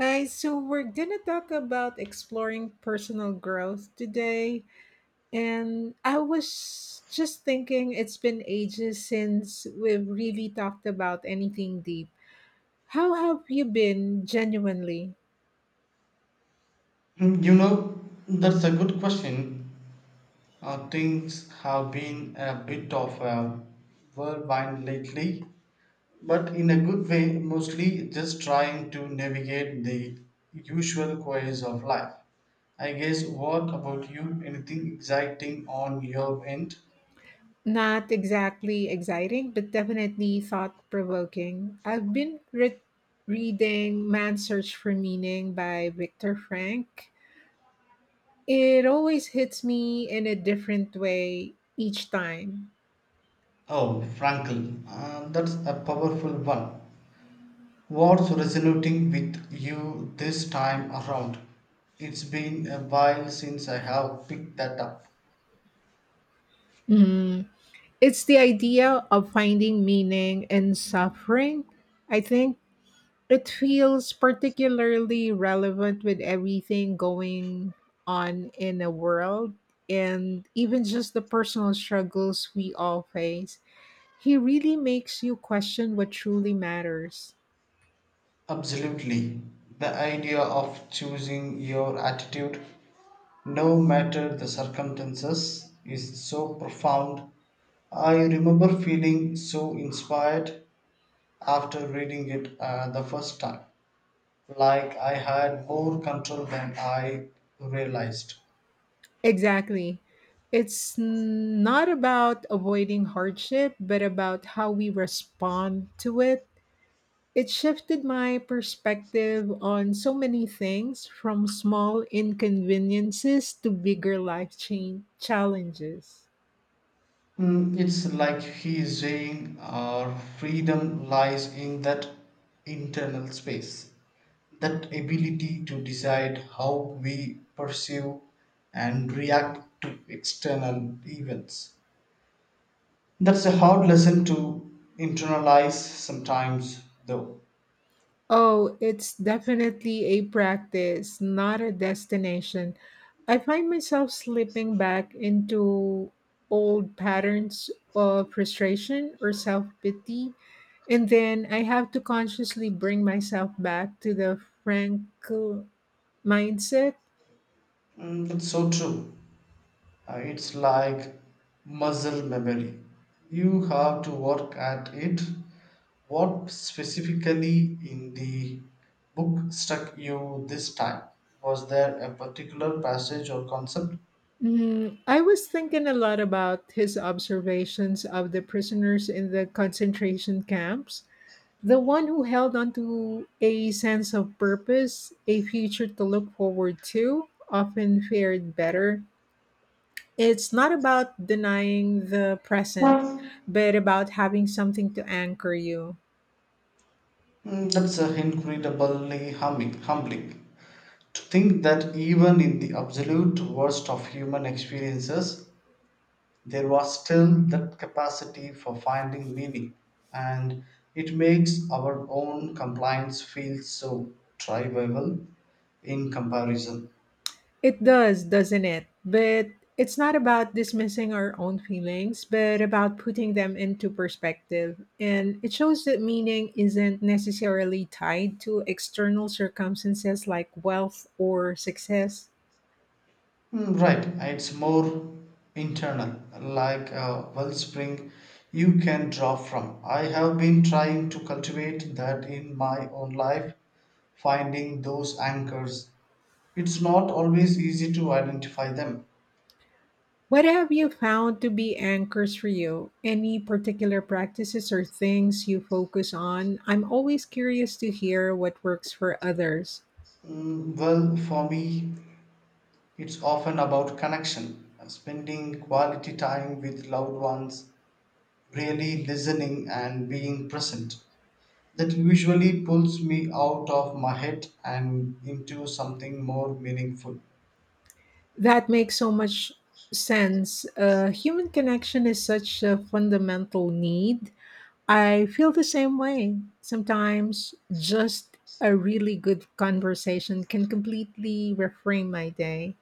Hi, so we're gonna talk about exploring personal growth today. And I was just thinking it's been ages since we've really talked about anything deep. How have you been genuinely? Hmm, You know, that's a good question. Things have been a bit of a. Whirlwind lately, but in a good way, mostly just trying to navigate the usual quays of life. I guess, what about you? Anything exciting on your end? Not exactly exciting, but definitely thought provoking. I've been reading Man's Search for Meaning by Viktor Frank. It always hits me in a different way each time. Oh, Frankel, that's a powerful one. What's resonating with you this time around? It's been a while since I have picked that up. It's the idea of finding meaning in suffering. I think it feels particularly relevant with everything going on in the world and even just the personal struggles we all face. He really makes you question what truly matters. Absolutely. The idea of choosing your attitude, no matter the circumstances, is so profound. I remember feeling so inspired after reading it the first time, like I had more control than I realized. Exactly. It's not about avoiding hardship, but about how we respond to it. It shifted my perspective on so many things, from small inconveniences to bigger life change challenges. It's like he is saying our freedom lies in that internal space, that ability to decide how we pursue and react to external events. That's a hard lesson to internalize sometimes, though. Oh, it's definitely a practice, not a destination. I find myself slipping back into old patterns of frustration or self pity. And then I have to consciously bring myself back to the frank mindset. It's so true. It's like muscle memory. You have to work at it. What specifically in the book struck you this time? Was there a particular passage or concept? Mm, I was thinking a lot about his observations of the prisoners in the concentration camps. The one who held on to a sense of purpose, a future to look forward to, often fared better. It's not about denying the present, but about having something to anchor you. That's incredibly humbling. To think that even in the absolute worst of human experiences, there was still that capacity for finding meaning, and it makes our own compliance feel so trivial in comparison. It does, doesn't it? But it's not about dismissing our own feelings, but about putting them into perspective. And it shows that meaning isn't necessarily tied to external circumstances like wealth or success. Right, it's more internal, like a wellspring you can draw from. I have been trying to cultivate that in my own life, finding those anchors. It's not always easy to identify them. What have you found to be anchors for you? Any particular practices or things you focus on? I'm always curious to hear what works for others. Well, for me, it's often about connection, spending quality time with loved ones, really listening and being present. That usually pulls me out of my head and into something more meaningful. That makes so much sense. Human connection is such a fundamental need. I feel the same way. Sometimes just a really good conversation can completely reframe my day.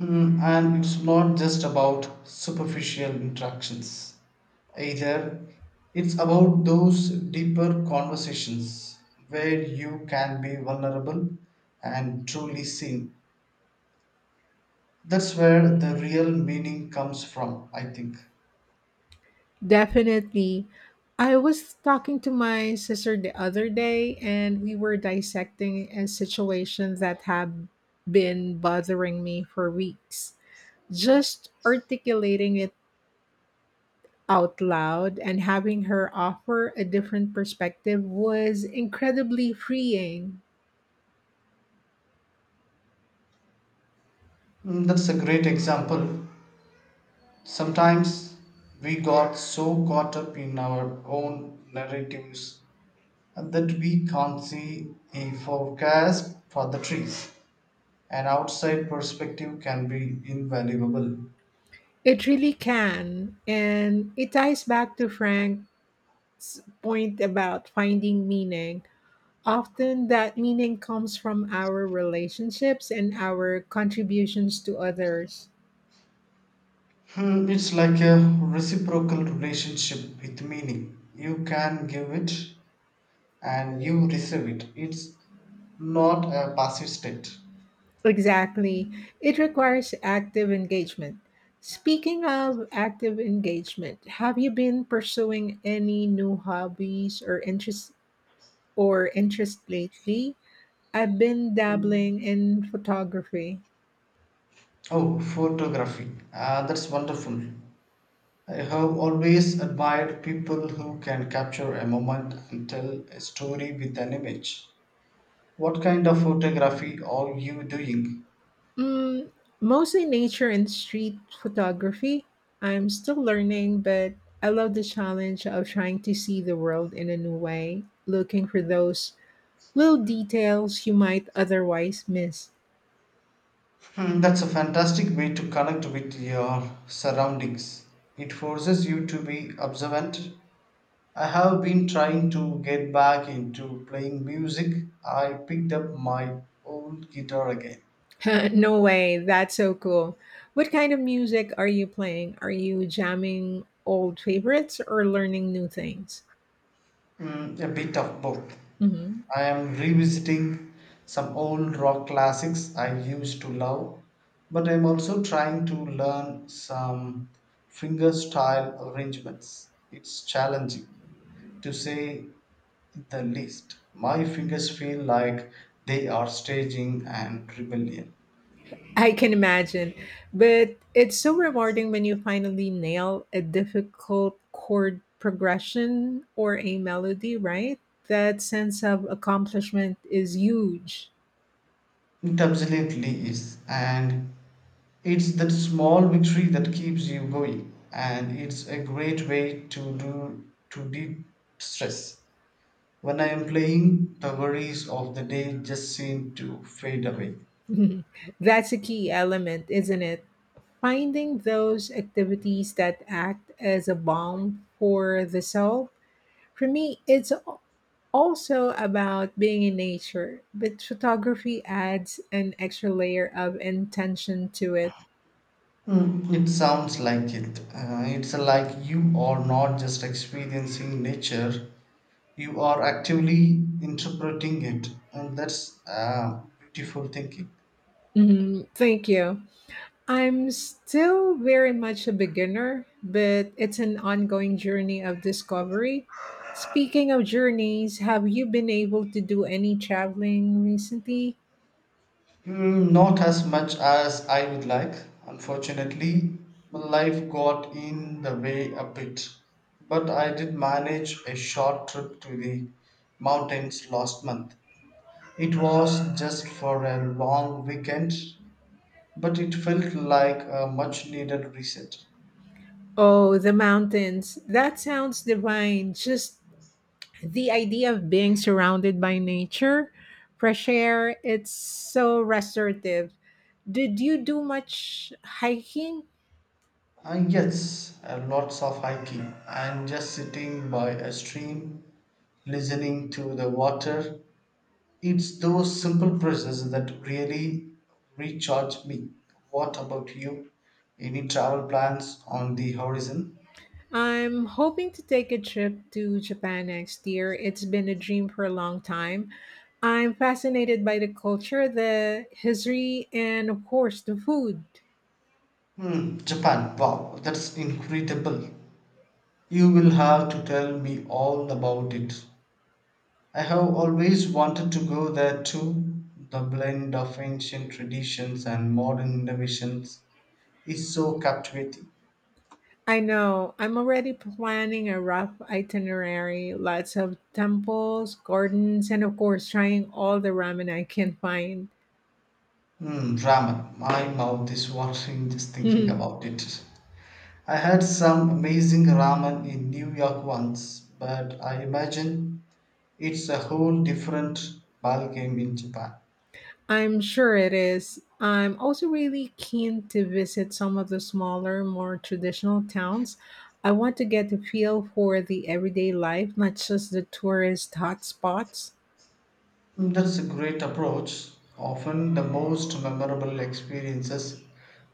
And it's not just about superficial interactions either. It's about those deeper conversations where you can be vulnerable and truly seen. That's where the real meaning comes from, I think. Definitely. I was talking to my sister the other day and we were dissecting a situation that had been bothering me for weeks. Just articulating it out loud and having her offer a different perspective was incredibly freeing. That's a great example. Sometimes we got so caught up in our own narratives that we can't see a forecast for the trees. An outside perspective can be invaluable. It really can. And it ties back to Frank's point about finding meaning. Often that meaning comes from our relationships and our contributions to others. It's like a reciprocal relationship with meaning. You can give it and you receive it. It's not a passive state. Exactly. It requires active engagement. Speaking of active engagement, have you been pursuing any new hobbies or interests or interest lately? I've been dabbling in photography. Oh, photography. Ah, that's wonderful. I have always admired people who can capture a moment and tell a story with an image. What kind of photography are you doing? Mm, mostly nature and street photography. I'm still learning, but I love the challenge of trying to see the world in a new way, looking for those little details you might otherwise miss. That's a fantastic way to connect with your surroundings. It forces you to be observant. I have been trying to get back into playing music. I picked up my old guitar again. No way, that's so cool. What kind of music are you playing? Are you jamming old favorites or learning new things? A bit of both. Mhm. I am revisiting some old rock classics I used to love, but I'm also trying to learn some fingerstyle arrangements. It's challenging, to say the least. My fingers feel like they are staging an rebellion. I can imagine, but it's so rewarding when you finally nail a difficult chord progression or a melody, right? That sense of accomplishment is huge. It absolutely is, and it's that small victory that keeps you going, and it's a great way to do to de-stress. When I am playing, the worries of the day just seem to fade away. That's a key element, isn't it? Finding those activities that act as a balm for the soul. For me, also about being in nature, but photography adds an extra layer of intention to it. It sounds like it. It's like you are not just experiencing nature; you are actively interpreting it, and that's beautiful thinking. Mhm. Thank you. I'm still very much a beginner, but it's an ongoing journey of discovery. Speaking of journeys, have you been able to do any traveling recently? Not as much as I would like. Unfortunately, my life got in the way a bit. But I did manage a short trip to the mountains last month. It was just for a long weekend, but it felt like a much needed reset. Oh, the mountains. That sounds divine. Just the idea of being surrounded by nature, fresh air, it's so restorative. Did you do much hiking? And yes, lots of hiking and just sitting by a stream, listening to the water. It's those simple presents that really recharge me. What about you? Any travel plans on the horizon? I'm hoping to take a trip to Japan next year. It's been a dream for a long time. I'm fascinated by the culture, the history, and of course, the food. Japan. Wow, that's incredible. You will have to tell me all about it. I have always wanted to go there too. The blend of ancient traditions and modern innovations is so captivating. I know. I'm already planning a rough itinerary, lots of temples, gardens, and of course, trying all the ramen I can find. Ramen. My mouth is watering just thinking about it. I had some amazing ramen in New York once, but I imagine it's a whole different ballgame in Japan. I'm sure it is. I'm also really keen to visit some of the smaller, more traditional towns. I want to get a feel for the everyday life, not just the tourist hotspots. That's a great approach. Often the most memorable experiences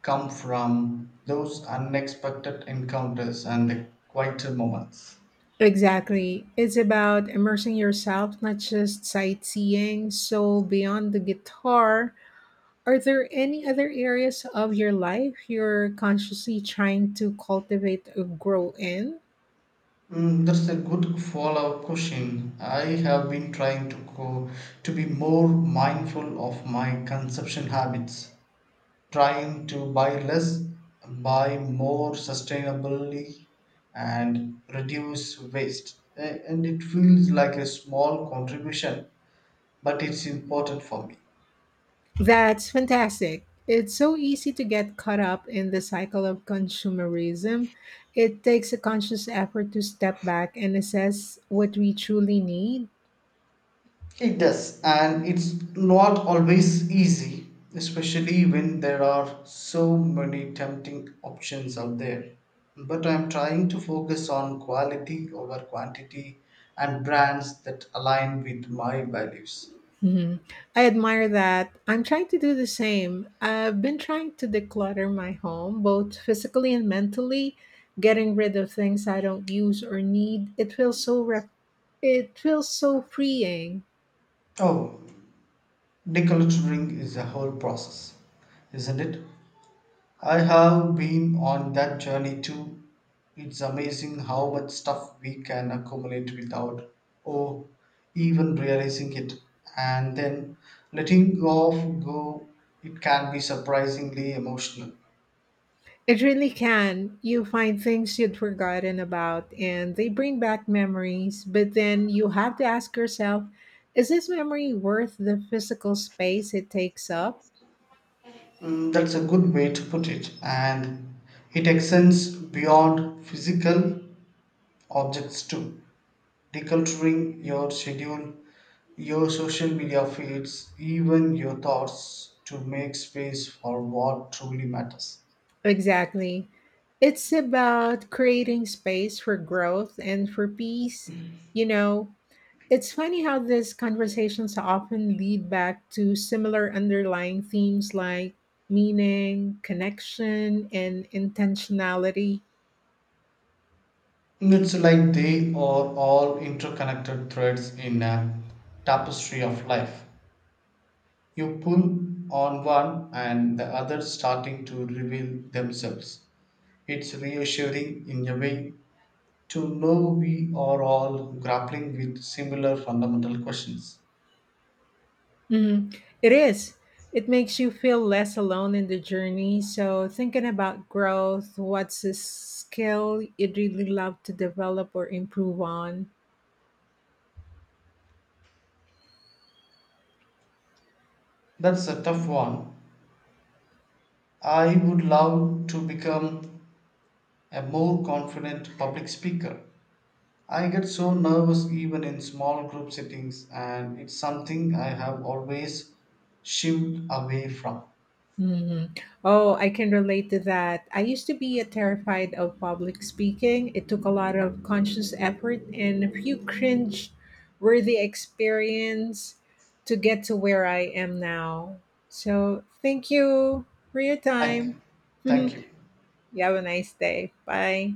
come from those unexpected encounters and the quieter moments. Exactly. It's about immersing yourself, not just sightseeing. So, beyond the guitar, are there any other areas of your life you're consciously trying to cultivate or grow in? That's a good follow-up question. I have been trying to be more mindful of my consumption habits, trying to buy less, buy more sustainably, and reduce waste. And it feels like a small contribution, but it's important for me. That's fantastic. It's so easy to get caught up in the cycle of consumerism. It takes a conscious effort to step back and assess what we truly need. It does, and it's not always easy, especially when there are so many tempting options out there. But I'm trying to focus on quality over quantity and brands that align with my values. Mhm. I admire that. I'm trying to do the same. I've been trying to declutter my home, both physically and mentally, getting rid of things I don't use or need. It feels so freeing. Oh, Deculturing is a whole process, isn't it? I have been on that journey too. It's amazing how much stuff we can accumulate without or even realizing it. And then letting go, it can be surprisingly emotional. It really can. You find things you'd forgotten about and they bring back memories, but then you have to ask yourself, is this memory worth the physical space it takes up? That's a good way to put it, and it extends beyond physical objects too. Decluttering your schedule, your social media feeds, even your thoughts to make space for what truly matters. Exactly. It's about creating space for growth and for peace. You know, it's funny how these conversations often lead back to similar underlying themes like meaning, connection, and intentionality. It's like they are all interconnected threads in a tapestry of life. You pull on one and the other starting to reveal themselves. It's reassuring in a way to know we are all grappling with similar fundamental questions. Mhm. It is. It makes you feel less alone in the journey. So, thinking about growth, what's a skill you'd really love to develop or improve on? That's a tough one. I would love to become a more confident public speaker. I get so nervous even in small group settings, and it's something I have always shied away from. Mhm. Oh, I can relate to that. I used to be a terrified of public speaking. It took a lot of conscious effort and a few cringe worthy experience to get to where I am now. So, thank you for your time. Thank, thank you. You have a nice day. Bye.